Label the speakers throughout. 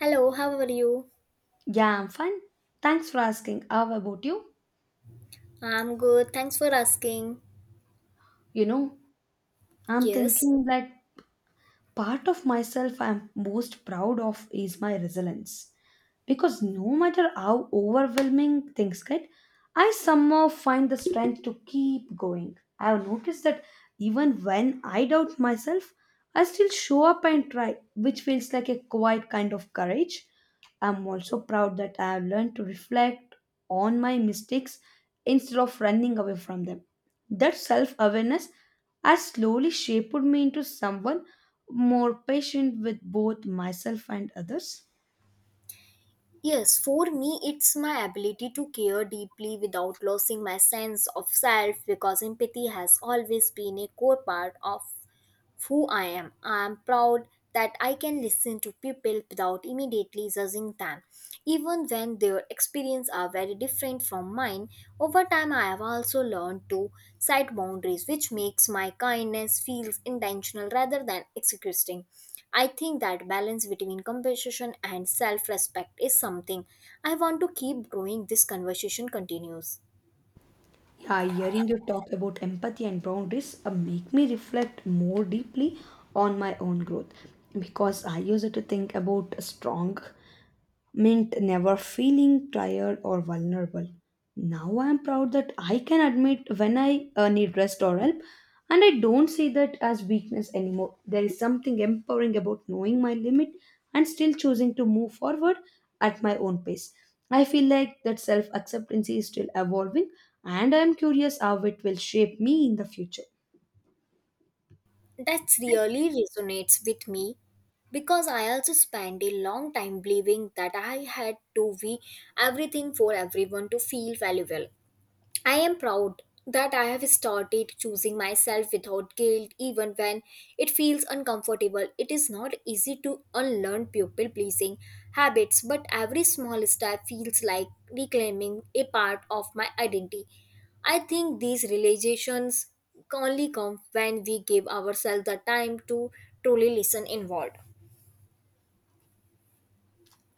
Speaker 1: Hello, how are you?
Speaker 2: Yeah, I'm fine. Thanks for asking. How about you?
Speaker 1: I'm good. Thanks for asking.
Speaker 2: You know, I'm
Speaker 1: Yes.
Speaker 2: thinking that part of myself I'm most proud of is my resilience, because no matter how overwhelming things get, I somehow find the strength to keep going. I have noticed that even when I doubt myself, I still show up and try, which feels like a quiet kind of courage. I'm also proud that I have learned to reflect on my mistakes instead of running away from them. That self awareness has slowly shaped me into someone more patient with both myself and others.
Speaker 1: Yes, for me, it's my ability to care deeply without losing my sense of self because empathy has always been a core part of who I am. I am proud that I can listen to people without immediately judging them, even when their experiences are very different from mine. Over time, I have also learned to set boundaries, which makes my kindness feels intentional rather than exhausting. I think that balance between compassion and self-respect is something I want to keep growing. This conversation continues.
Speaker 2: Yeah, hearing you talk about empathy and boundaries make me reflect more deeply on my own growth, because I used to think about strong meant never feeling tired or vulnerable. Now I am proud that I can admit when I need rest or help, and I don't see that as weakness anymore. There is something empowering about knowing my limit and still choosing to move forward at my own pace. I feel like that self acceptance is still evolving, and I am curious how it will shape me in the future.
Speaker 1: That really resonates with me because I also spent a long time believing that I had to be everything for everyone to feel valuable. I am proud that I have started choosing myself without guilt, even when it feels uncomfortable. It is not easy to unlearn people pleasing habits, but every small step feels like reclaiming a part of my identity. I think these realizations only come when we give ourselves the time to truly listen inward.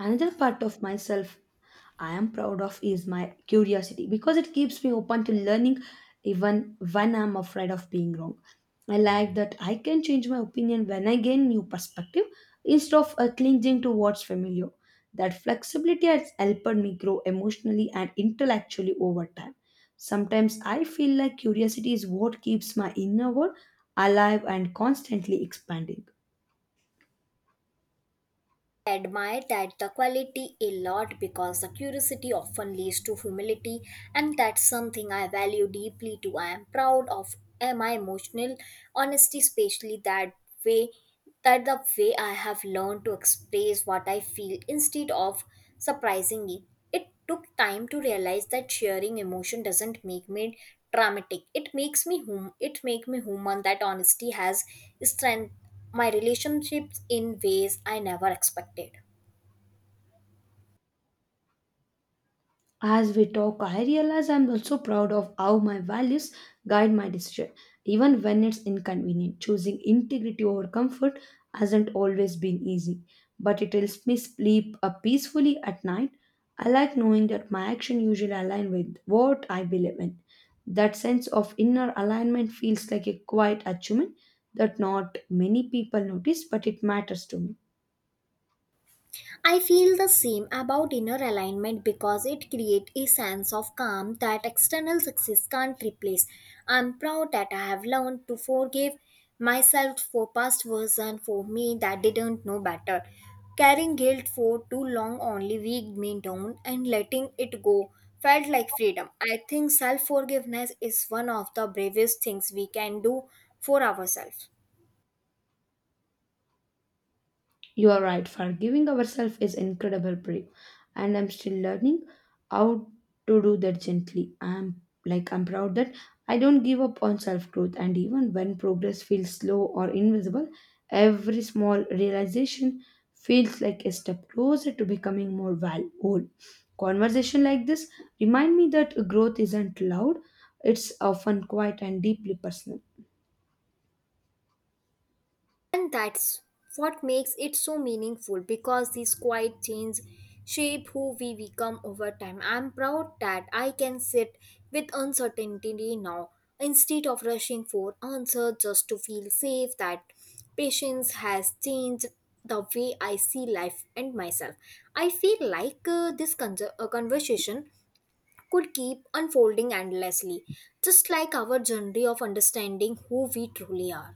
Speaker 2: Another part of myself I am proud of is my curiosity, because it keeps me open to learning even when I'm afraid of being wrong. I like that I can change my opinion when I gain new perspective instead of clinging to what's familiar. That flexibility has helped me grow emotionally and intellectually over time. Sometimes I feel like curiosity is what keeps my inner world alive and constantly expanding.
Speaker 1: Admire that the quality a lot because the curiosity often leads to humility, and that's something I value deeply too. I am proud of my emotional honesty, especially that way, that the way I have learned to express what I feel instead of surprising it. It took time to realize that sharing emotion doesn't make me dramatic. It makes me hum it make me human. That honesty has strengthened my relationships in ways I never expected.
Speaker 2: As we talk, I realize I'm also proud of how my values guide my decision, even when it's inconvenient. Choosing integrity over comfort hasn't always been easy, but it helps me sleep peacefully at night. I like knowing that my action usually align with what I believe in. That sense of inner alignment feels like a quiet achievement that not many people notice, but it matters to me.
Speaker 1: I feel the same about inner alignment because it creates a sense of calm that external success can't replace. I'm proud that I have learned to forgive myself for past version for me that didn't know better. Carrying guilt for too long only weighed me down, and letting it go felt like freedom. I think self forgiveness is one of the bravest things we can do for ourselves.
Speaker 2: You are right, forgiving ourselves is incredible brave. And I'm still learning how to do that gently. I'm proud that I don't give up on self-growth, and even when progress feels slow or invisible, every small realization feels like a step closer to becoming more whole. Conversation like this remind me that growth isn't loud, it's often quiet and deeply personal.
Speaker 1: And that's what makes it so meaningful because these quiet change shape who we become over time. I'm proud that I can sit with uncertainty now instead of rushing for answers just to feel safe. That patience has changed the way I see life and myself. I feel like conversation could keep unfolding endlessly, just like our journey of understanding who we truly are.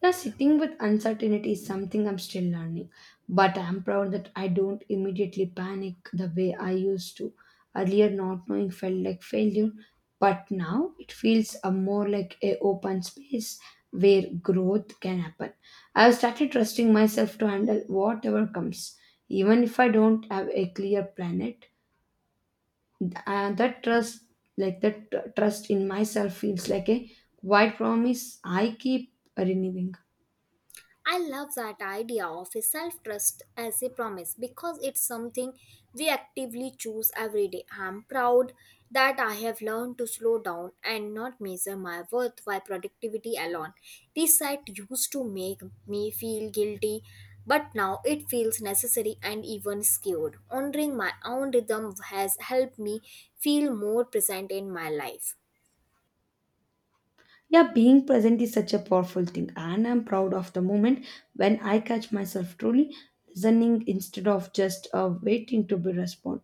Speaker 2: Now, sitting with uncertainty is something I'm still learning, but I'm proud that I don't immediately panic the way I used to. Earlier, not knowing felt like failure, but now it feels a more like a open space where growth can happen. I've started trusting myself to handle whatever comes, even if I don't have a clear plan. Planet. Uh, that trust, that trust in myself, feels like a quiet promise I keep renewing.
Speaker 1: I love that idea of a self trust as a promise because it's something we actively choose every day. I'm proud that I have learned to slow down and not measure my worth by productivity alone. This site used to make me feel guilty, but now it feels necessary and even skewed. Honoring my own rhythm has helped me feel more present in my life.
Speaker 2: Yeah, being present is such a powerful thing, and I'm proud of the moment when I catch myself truly listening instead of just waiting to be responded.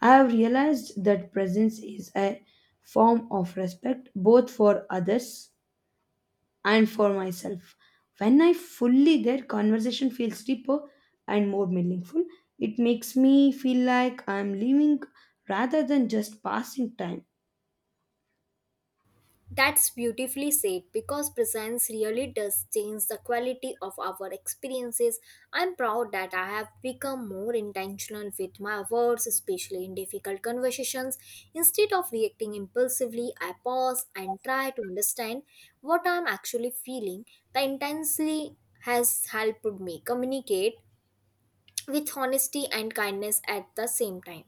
Speaker 2: I have realized that presence is a form of respect, both for others and for myself. When I fully there, conversation feels deeper and more meaningful. It makes me feel like I'm living rather than just passing time.
Speaker 1: That's beautifully said because presence really does change the quality of our experiences. I'm proud that I have become more intentional with my words, especially in difficult conversations. Instead of reacting impulsively, I pause and try to understand what I'm actually feeling. The intensity has helped me communicate with honesty and kindness at the same time.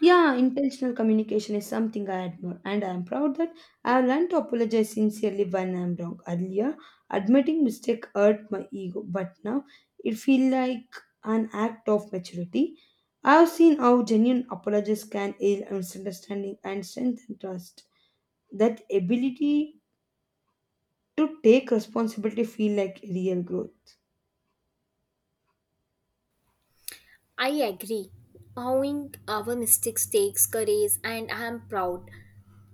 Speaker 2: Yeah, intentional communication is something I admire, and I am proud that I have learned to apologize sincerely when I am wrong. Earlier, admitting mistake hurt my ego, but now it feels like an act of maturity. I have seen how genuine apologies can heal misunderstanding and strengthen trust. That ability to take responsibility feel like real growth.
Speaker 1: I agree. Owning our mistakes takes courage, and I am proud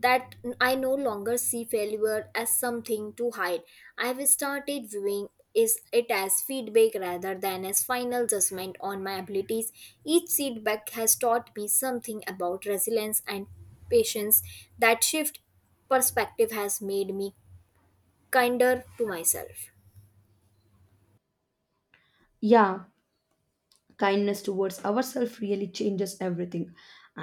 Speaker 1: that I no longer see failure as something to hide. I have started viewing is it as feedback rather than as final judgment on my abilities. Each feedback has taught me something about resilience and patience. That shift perspective has made me kinder to myself.
Speaker 2: Yeah, kindness towards ourselves really changes everything,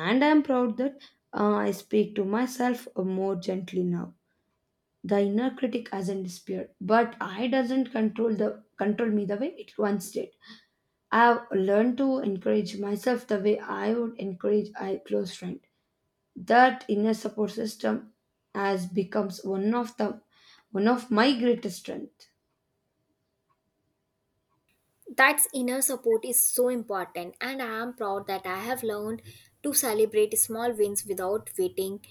Speaker 2: and I am proud that I speak to myself more gently now. The inner critic hasn't disappeared, but I doesn't control me the way it once did. I have learned to encourage myself the way I would encourage a close friend. That inner support system has becomes one of my greatest strength.
Speaker 1: That inner support is so important, and I am proud that I have learned to celebrate small wins without waiting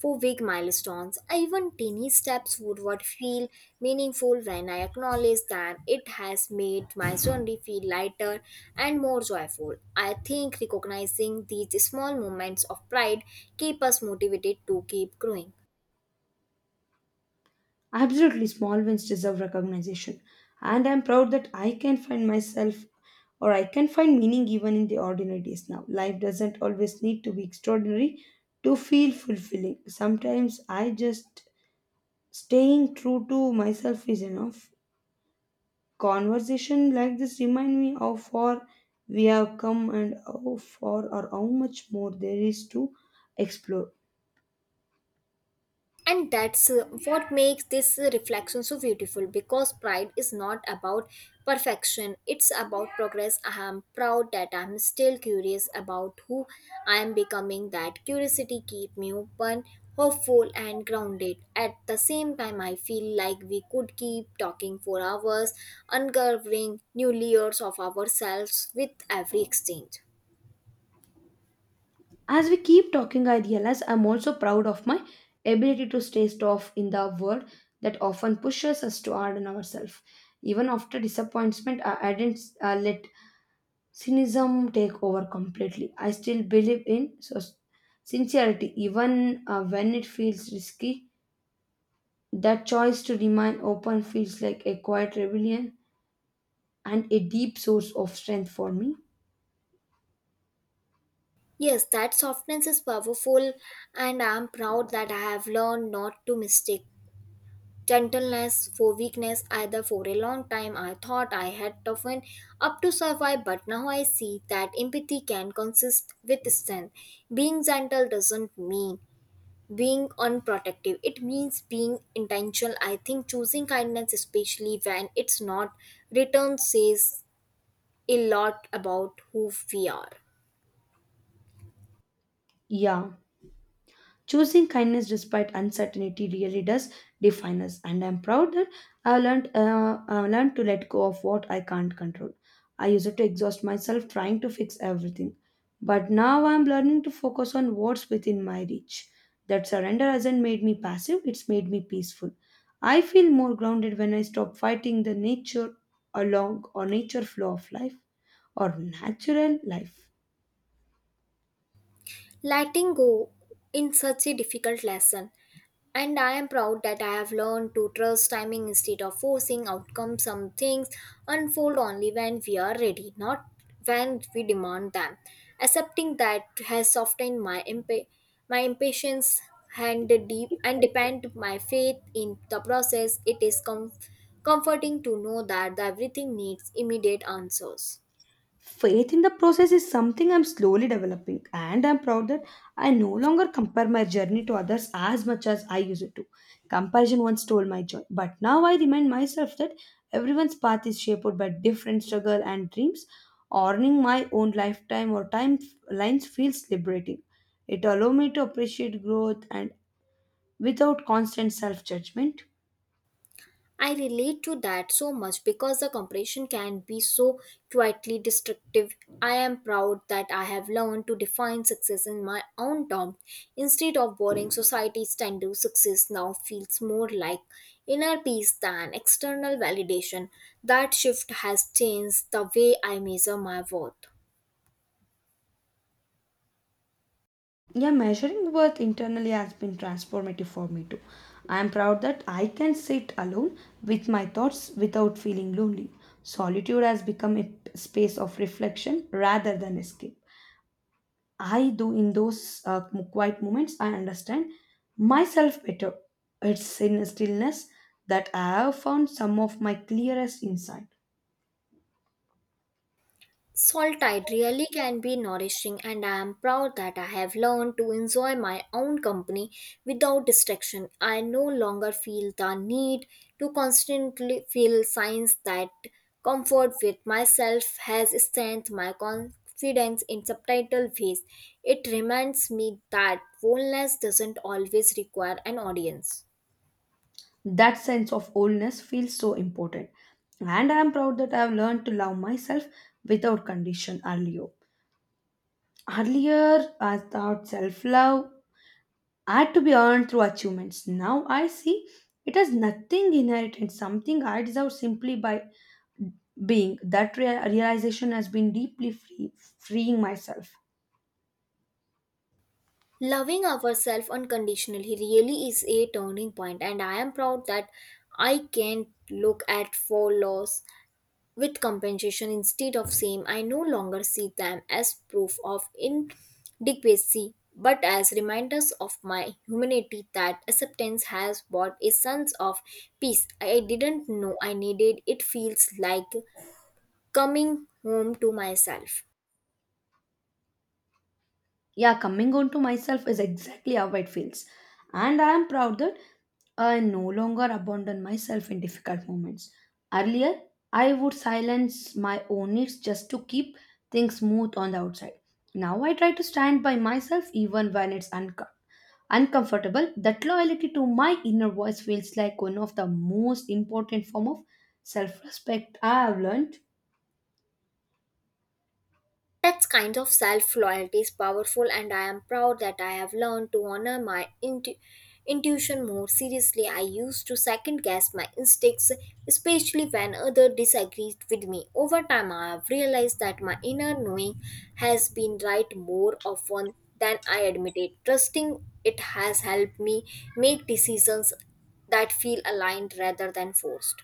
Speaker 1: for big milestones. Even tiny steps would what feel meaningful when I acknowledge them. It has made my journey feel lighter and more joyful. I think recognizing these small moments of pride keep us motivated to keep growing.
Speaker 2: Absolutely, small wins deserve recognition, and I'm proud that I can find meaning even in the ordinary days now. Life doesn't always need to be extraordinary to feel fulfilling. Sometimes I just staying true to myself is enough. Conversation like this remind me how far we have come, and how far or how much more there is to explore.
Speaker 1: And that's what makes this reflection so beautiful because pride is not about perfection, it's about progress. I am proud that I'm still curious about who I am becoming. That curiosity keep me open, hopeful, and grounded at the same time. I feel like we could keep talking for hours, uncovering new layers of ourselves with every exchange.
Speaker 2: As we keep talking, I realize I'm also proud of my ability to stay tough in the world that often pushes us to harden ourselves. Even after disappointment, I didn't let cynicism take over completely. I still believe in so sincerity, even when it feels risky. That choice to remain open feels like a quiet rebellion and a deep source of strength for me.
Speaker 1: Yes, that softness is powerful, and I am proud that I have learned not to mistake gentleness for weakness either. For a long time I thought I had toughened up to survive, but now I see that empathy can consist with strength. Being gentle doesn't mean being unprotective, it means being intentional. I think choosing kindness, especially when it's not returned, says a lot about who we are.
Speaker 2: Yeah. Choosing kindness despite uncertainty really does define us, and I'm proud that I've learned to let go of what I can't control. I used to exhaust myself trying to fix everything, but now I'm learning to focus on what's within my reach. That surrender hasn't made me passive, it's made me peaceful. I feel more grounded when I stop fighting the nature flow of life or natural life.
Speaker 1: Letting go in such a difficult lesson, and I am proud that I have learned to trust timing instead of forcing outcomes. Some things unfold only when we are ready, not when we demand them. Accepting that has softened my impatience and the deep and depend my faith in the process. It is comforting to know that everything needs immediate answers.
Speaker 2: Faith in the process is something I'm slowly developing, and I'm proud that I no longer compare my journey to others as much as I used to. Comparison once stole my joy, but now I remind myself that everyone's path is shaped by different struggle and dreams. Earning my own lifetime or time lines feels liberating. It allows me to appreciate growth and without constant self judgment.
Speaker 1: I relate to that so much because the comparison can be so quietly destructive. I am proud that I have learned to define success in my own terms instead of borrowing society's standard. Success now feels more like inner peace than external validation. That shift has changed the way I measure my worth.
Speaker 2: Yeah, measuring worth internally has been transformative for me too. I am proud that I can sit alone with my thoughts without feeling lonely. Solitude has become a space of reflection rather than escape. I do in those quiet moments, I understand myself better. It's in stillness that I have found some of my clearest insight.
Speaker 1: Solitude really can be nourishing, and I am proud that I have learned to enjoy my own company without distraction. I no longer feel the need to constantly feel signs that comfort with myself has strengthened my confidence in subtitle ways. It reminds me that boldness doesn't always require an audience.
Speaker 2: That sense of wholeness feels so important. And I am proud that I have learned to love myself without condition earlier. Earlier, I thought self love had to be earned through achievements. Now I see it has nothing inherent and something I deserve simply by being. That realization has been freeing myself.
Speaker 1: Loving ourselves unconditionally really is a turning point, and I am proud that I can look at flaws with compensation instead of shame. I no longer see them as proof of inadequacy, but as reminders of my humanity. That acceptance has brought a sense of peace I didn't know I needed. It feels like coming home to myself.
Speaker 2: Yeah, coming on to myself is exactly how it feels, and I am proud that I no longer abandon myself in difficult moments. Earlier, I would silence my own needs just to keep things smooth on the outside. Now I try to stand by myself even when it's uncomfortable. That loyalty to my inner voice feels like one of the most important form of self-respect I have learned.
Speaker 1: That kind of self loyalty is powerful, and I am proud that I have learned to honor my intuition more seriously. I used to second guess my instincts, especially when others disagreed with me. Over time, I have realized that my inner knowing has been right more often than I admitted. Trusting it has helped me make decisions that feel aligned rather than forced.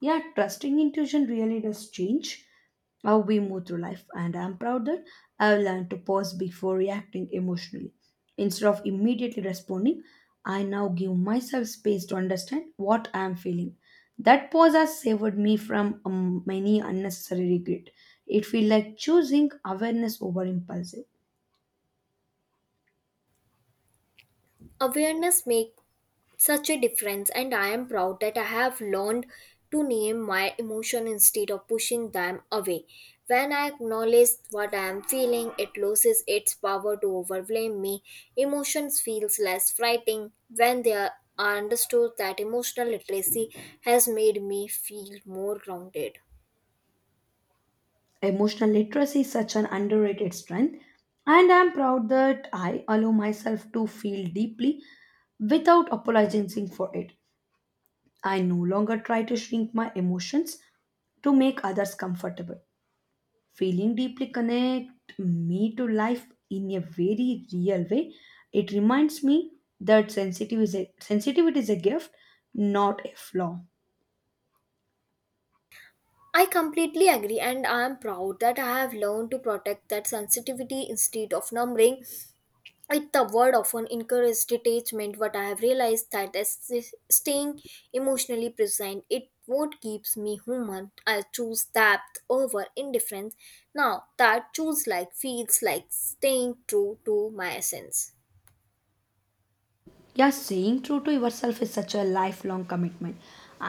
Speaker 2: Yeah, trusting intuition really does change how we move through life, and I'm proud that I've learned to pause before reacting emotionally. Instead of immediately responding, I now give myself space to understand what I'm feeling. That pause has saved me from many unnecessary regret. It feels like choosing awareness over impulsive.
Speaker 1: Awareness makes such a difference, and I am proud that I have learned to name my emotion instead of pushing them away. When I acknowledge what I am feeling, it loses its power to overwhelm me. Emotions feels less frightening when they are understood. That emotional literacy has made me feel more grounded.
Speaker 2: Emotional literacy is such an underrated strength, and I'm proud that I allow myself to feel deeply without apologizing for it. I no longer try to shrink my emotions to make others comfortable. Feeling deeply connect me to life in a very real way. It reminds me that sensitivity is a gift, not a flaw.
Speaker 1: I completely agree, and I am proud that I have learned to protect that sensitivity instead of numbing. If the word often encourages detachment, but I have realized that staying emotionally present it what keeps me human. I choose depth over indifference now. That choose like feels like staying true to my essence.
Speaker 2: Yeah, staying true to yourself is such a lifelong commitment,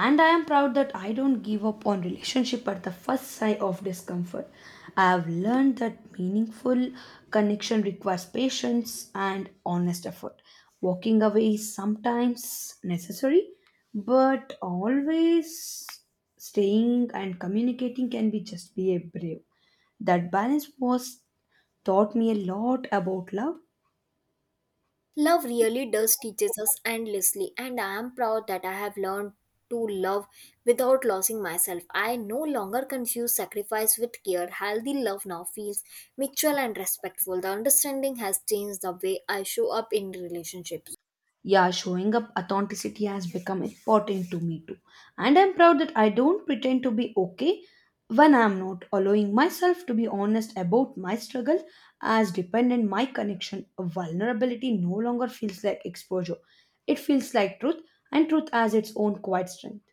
Speaker 2: and I am proud that I don't give up on relationship at the first sign of discomfort. I have learned that meaningful connection requires patience and honest effort. Walking away is sometimes necessary, but always staying and communicating can be just be a brave. That balance was taught me a lot about love.
Speaker 1: Love really does teaches us endlessly, and I am proud that I have learned to love without losing myself. I no longer confuse sacrifice with care. Healthy love now feels mutual and respectful. The understanding has changed the way I show up in relationships.
Speaker 2: Yeah, showing up authenticity has become important to me too. And I'm proud that I don't pretend to be okay when I'm not, allowing myself to be honest about my struggle as dependent my connection. Vulnerability no longer feels like exposure. It feels like truth, and truth has its own quiet strength.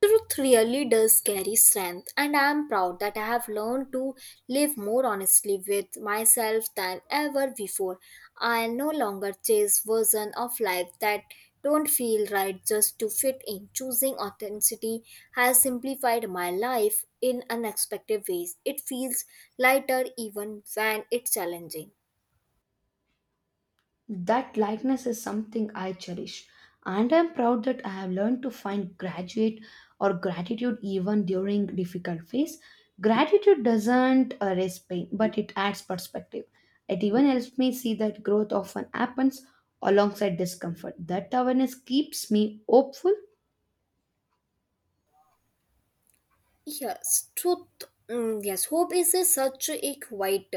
Speaker 1: Truth really does carry strength, and I am proud that I have learned to live more honestly with myself than ever before. I no longer chase versions of life that don't feel right just to fit in. Choosing authenticity has simplified my life in unexpected ways. It feels lighter even when it's challenging.
Speaker 2: That likeness is something I cherish, and I am proud that I have learned to find graduate or gratitude even during difficult phase. Gratitude doesn't erase pain, but it adds perspective. It even helps me see that growth often happens alongside discomfort. That awareness keeps me hopeful,
Speaker 1: Yes, truth. Yes, hope is a, such a quiet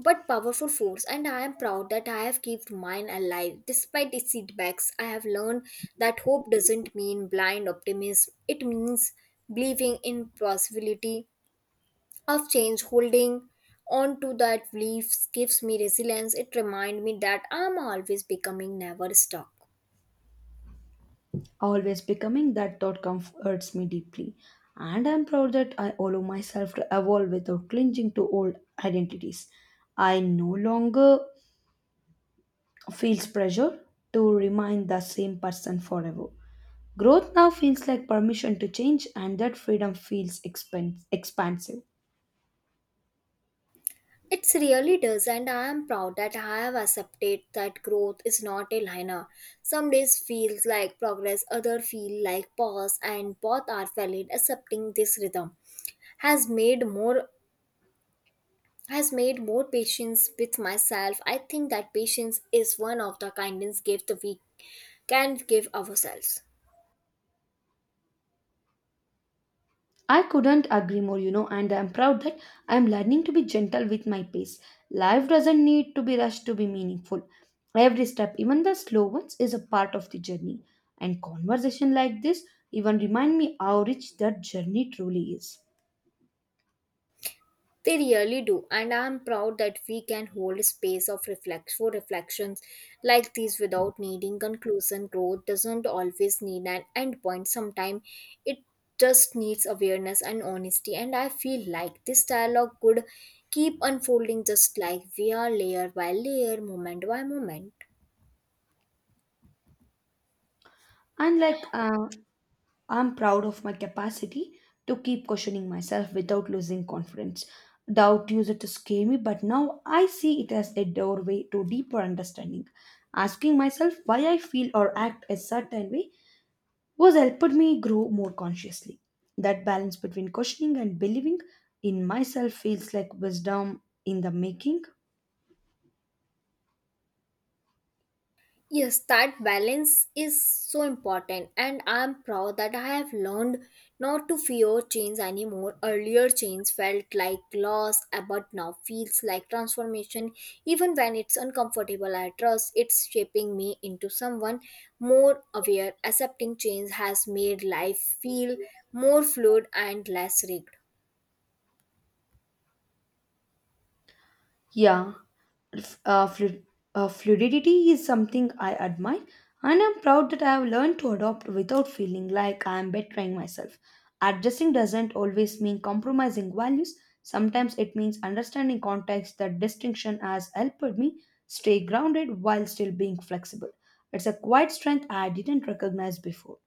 Speaker 1: but powerful force. And I am proud that I have kept mine alive despite its setbacks. I have learned that hope doesn't mean blind optimism, it means believing in possibility of change. Holding on to that belief gives me resilience. It reminds me that I am always becoming, never stuck.
Speaker 2: always becoming that thought comforts me deeply. And I'm proud that I allow myself to evolve without clinging to old identities. I no longer feels pressure to remind the same person forever. Growth now feels like permission to change, and that freedom feels expansive.
Speaker 1: It really does, and I am proud that I have accepted that growth is not a linear. Some days feels like progress, other feel like pause, and both are valid. Accepting this rhythm has made more has made more patience with myself. I think that patience is one of the kindness gift we can give ourselves.
Speaker 2: I couldn't agree more, and I'm proud that I'm learning to be gentle with my pace. Life doesn't need to be rushed to be meaningful. Every step, even the slow ones, is a part of the journey. And conversation like this even remind me how rich that journey truly is.
Speaker 1: They really do, and I'm proud that we can hold a space of reflect for reflections like these without needing conclusion. Growth doesn't always need an endpoint. Sometimes it just needs awareness and honesty. And I feel like this dialogue could keep unfolding just like we are, layer by layer, moment by moment.
Speaker 2: And like I'm proud of my capacity to keep questioning myself without losing confidence. Doubt used to scare me, but now I see it as a doorway to deeper understanding. Asking myself why I feel or act a certain way was helped me grow more consciously. That balance between questioning and believing in myself feels like wisdom in the making.
Speaker 1: Yes, that balance is so important, and I'm proud that I have learned not to fear change anymore. Earlier, change felt like loss, but now feels like transformation. Even when it's uncomfortable, I trust it's shaping me into someone more aware. Accepting change has made life feel more fluid and less rigged.
Speaker 2: Yeah, f- uh, flu- fluidity is something I admire, and I'm proud that I have learned to adopt without feeling like I am betraying myself. Adjusting doesn't always mean compromising values, sometimes it means understanding context. That distinction has helped me stay grounded while still being flexible. It's a quiet strength I didn't recognize before.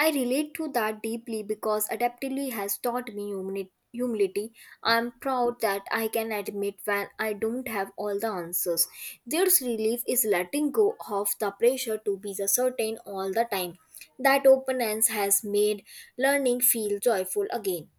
Speaker 1: I relate to that deeply because adaptively has taught me humility. I'm proud that I can admit when I don't have all the answers. This relief is letting go of the pressure to be the certain all the time. That openness has made learning feel joyful again.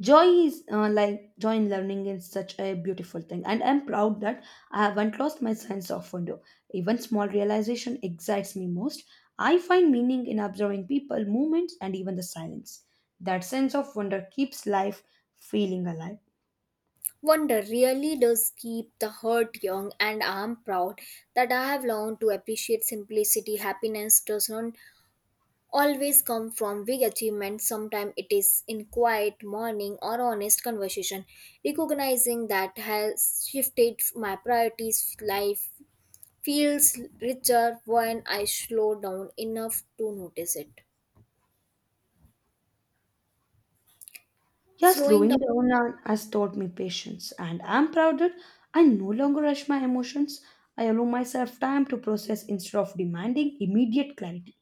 Speaker 2: Joy is joy in learning is such a beautiful thing, and I'm proud that I haven't lost my sense of wonder. Even small realization excites me most. I find meaning in observing people movements and even the silence. That sense of wonder keeps life feeling alive.
Speaker 1: Wonder really does keep the heart young, and I'm proud that I have learned to appreciate simplicity. Happiness does not always come from big achievements. Sometimes it is in quiet morning or honest conversation. Recognizing that has shifted my priorities. Life feels richer when I slow down enough to notice it.
Speaker 2: Yeah,
Speaker 1: Slowing
Speaker 2: slowing
Speaker 1: down,
Speaker 2: down now has taught me patience, and I'm proud that I no longer rush my emotions. I allow myself time to process instead of demanding immediate clarity.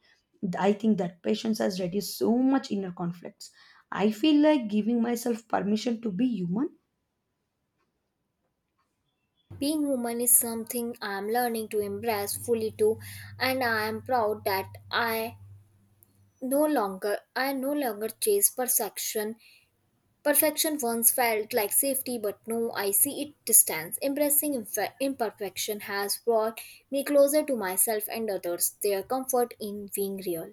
Speaker 2: I think that patience has reduced so much inner conflicts. I feel like giving myself permission to be human.
Speaker 1: being human is something I am learning to embrace fully too, and I am proud that I no longer chase perfection. Perfection once felt like safety, but now I see it distance. Embracing imperfection has brought me closer to myself and others, their comfort in being real.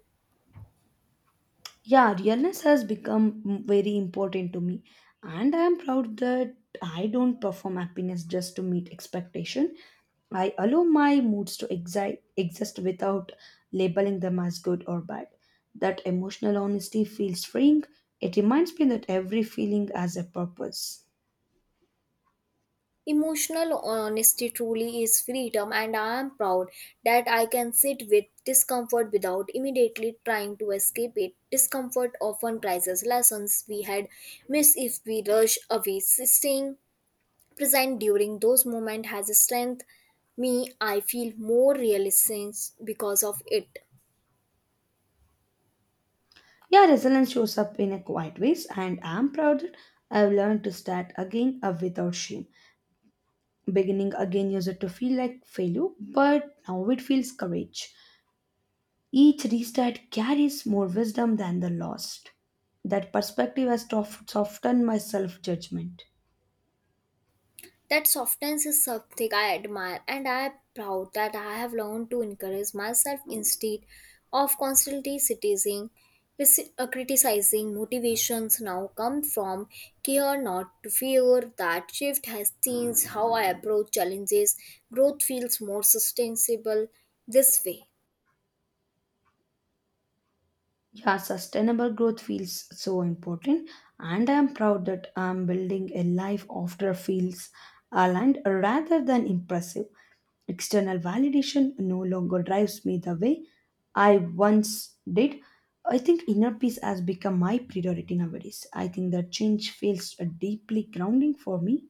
Speaker 2: Yeah, realness has become very important to me, and I am proud that I don't perform happiness just to meet expectation. I allow my moods to exist without labeling them as good or bad. That emotional honesty feels freeing. It reminds me that every feeling has a purpose.
Speaker 1: Emotional honesty truly is freedom, and I am proud that I can sit with discomfort without immediately trying to escape it. Discomfort often prizes lessons we had missed if we rush away. Staying present during those moments has strengthened me. I feel more realistic because of it.
Speaker 2: Yeah, resilience shows up in a quiet ways, and I'm proud that I've learned to start again without shame. Beginning again used to feel like failure, but now it feels courage. Each restart carries more wisdom than the lost. That perspective has softened my self judgment.
Speaker 1: That softness is something I admire, and I am proud that I have learned to encourage myself instead of constantly criticizing. Criticizing motivations now come from care, not to fear. That shift has changed how I approach challenges. Growth feels more sustainable this way.
Speaker 2: Yeah, sustainable growth feels so important, and I am proud that I am building a life after feels aligned rather than impressive. External validation no longer drives me the way I once did. I think inner peace has become my priority nowadays. I think that change feels deeply grounding for me.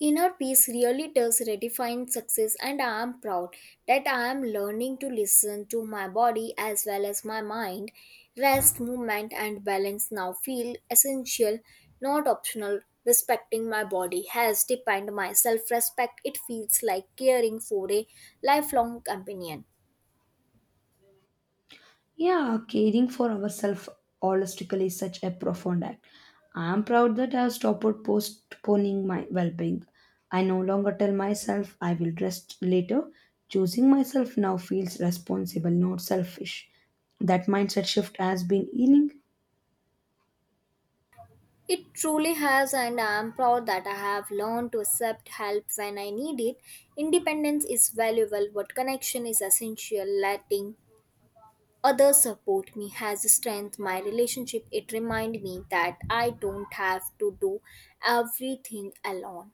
Speaker 1: Inner peace really does redefine success, and I am proud that I am learning to listen to my body as well as my mind. Rest, movement, and balance now feel essential, not optional. Respecting my body has deepened my self respect. It feels like caring for a lifelong companion.
Speaker 2: Yeah, caring for ourselves holistically is such a profound act. I am proud that I have stopped postponing my well being. I no longer tell myself I will rest later. Choosing myself now feels responsible, not selfish. That mindset shift has been healing.
Speaker 1: It truly has, and I am proud that I have learned to accept help when I need it. Independence is valuable, but connection is essential. Letting others support me has strengthened my relationship. It reminds me that I don't have to do everything alone.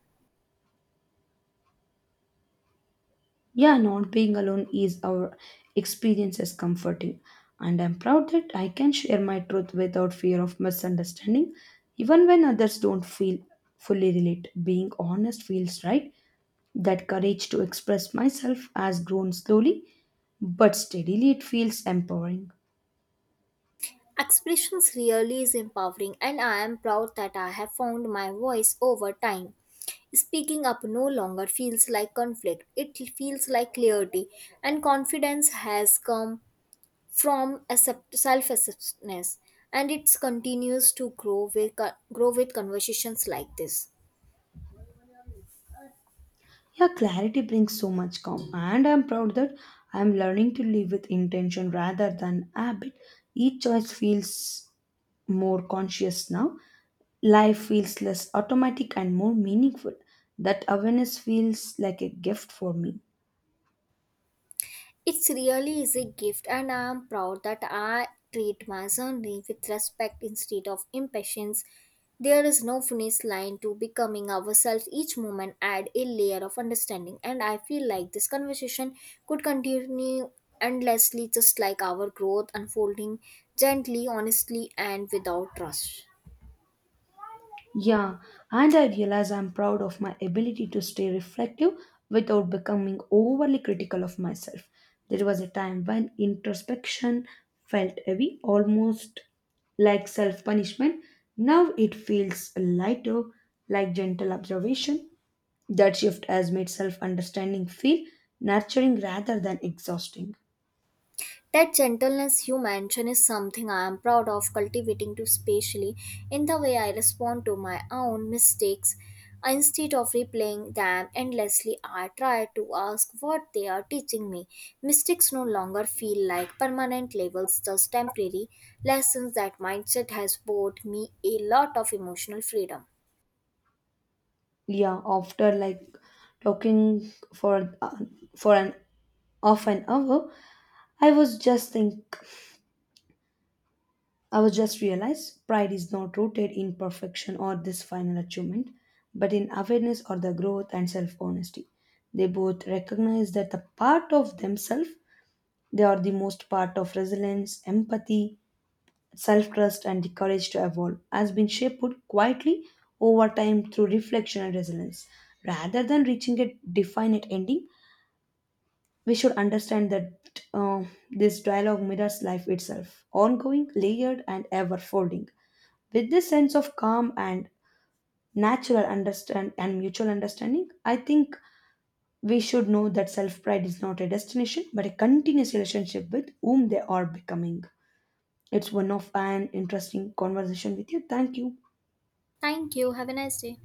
Speaker 2: Yeah, not being alone is our experience is comforting, and I'm proud that I can share my truth without fear of misunderstanding, even when others don't feel fully relate. Being honest feels right. That courage to express myself has grown slowly, but steadily it feels empowering.
Speaker 1: Expressions really is empowering, and I am proud that I have found my voice over time. Speaking up no longer feels like conflict, it feels like clarity, and confidence has come from self acceptance, and it continues to grow with conversations like this.
Speaker 2: Yeah, clarity brings so much calm, and I'm proud that I'm learning to live with intention rather than habit. Each choice feels more conscious now. Life feels less automatic and more meaningful. That awareness feels like a gift for me.
Speaker 1: It's really is a gift, and I'm proud that I treat my journey with respect instead of impatience. There is no finish line to becoming ourselves. Each moment add a layer of understanding, and I feel like this conversation could continue endlessly, just like our growth unfolding gently, honestly, and without rush.
Speaker 2: Yeah, and I realize I'm proud of my ability to stay reflective without becoming overly critical of myself. There was a time when introspection felt heavy, almost like self punishment. Now it feels lighter, like gentle observation. That shift has made self understanding feel nurturing rather than exhausting.
Speaker 1: That gentleness you mention is something I am proud of cultivating too, especially in the way I respond to my own mistakes. Instead of replaying them endlessly, I try to ask what they are teaching me. Mistakes no longer feel like permanent labels, just temporary lessons. That mindset has bought me a lot of emotional freedom.
Speaker 2: Yeah, after like talking for an of an hour, i was just think I was just realized pride is not rooted in perfection or this final achievement, but in awareness or the growth and self honesty. They both recognize that the part of themselves they are the most part of resilience empathy, self trust, and the courage to evolve has been shaped quietly over time through reflection and resilience rather than reaching a definite ending. We should understand that this dialogue mirrors life itself, ongoing, layered, and ever folding. With this sense of calm and natural understand and mutual understanding, I think we should know that self pride is not a destination but a continuous relationship with whom they are becoming. It's one of an interesting conversation with you. Thank you.
Speaker 1: Thank you. Have a nice day.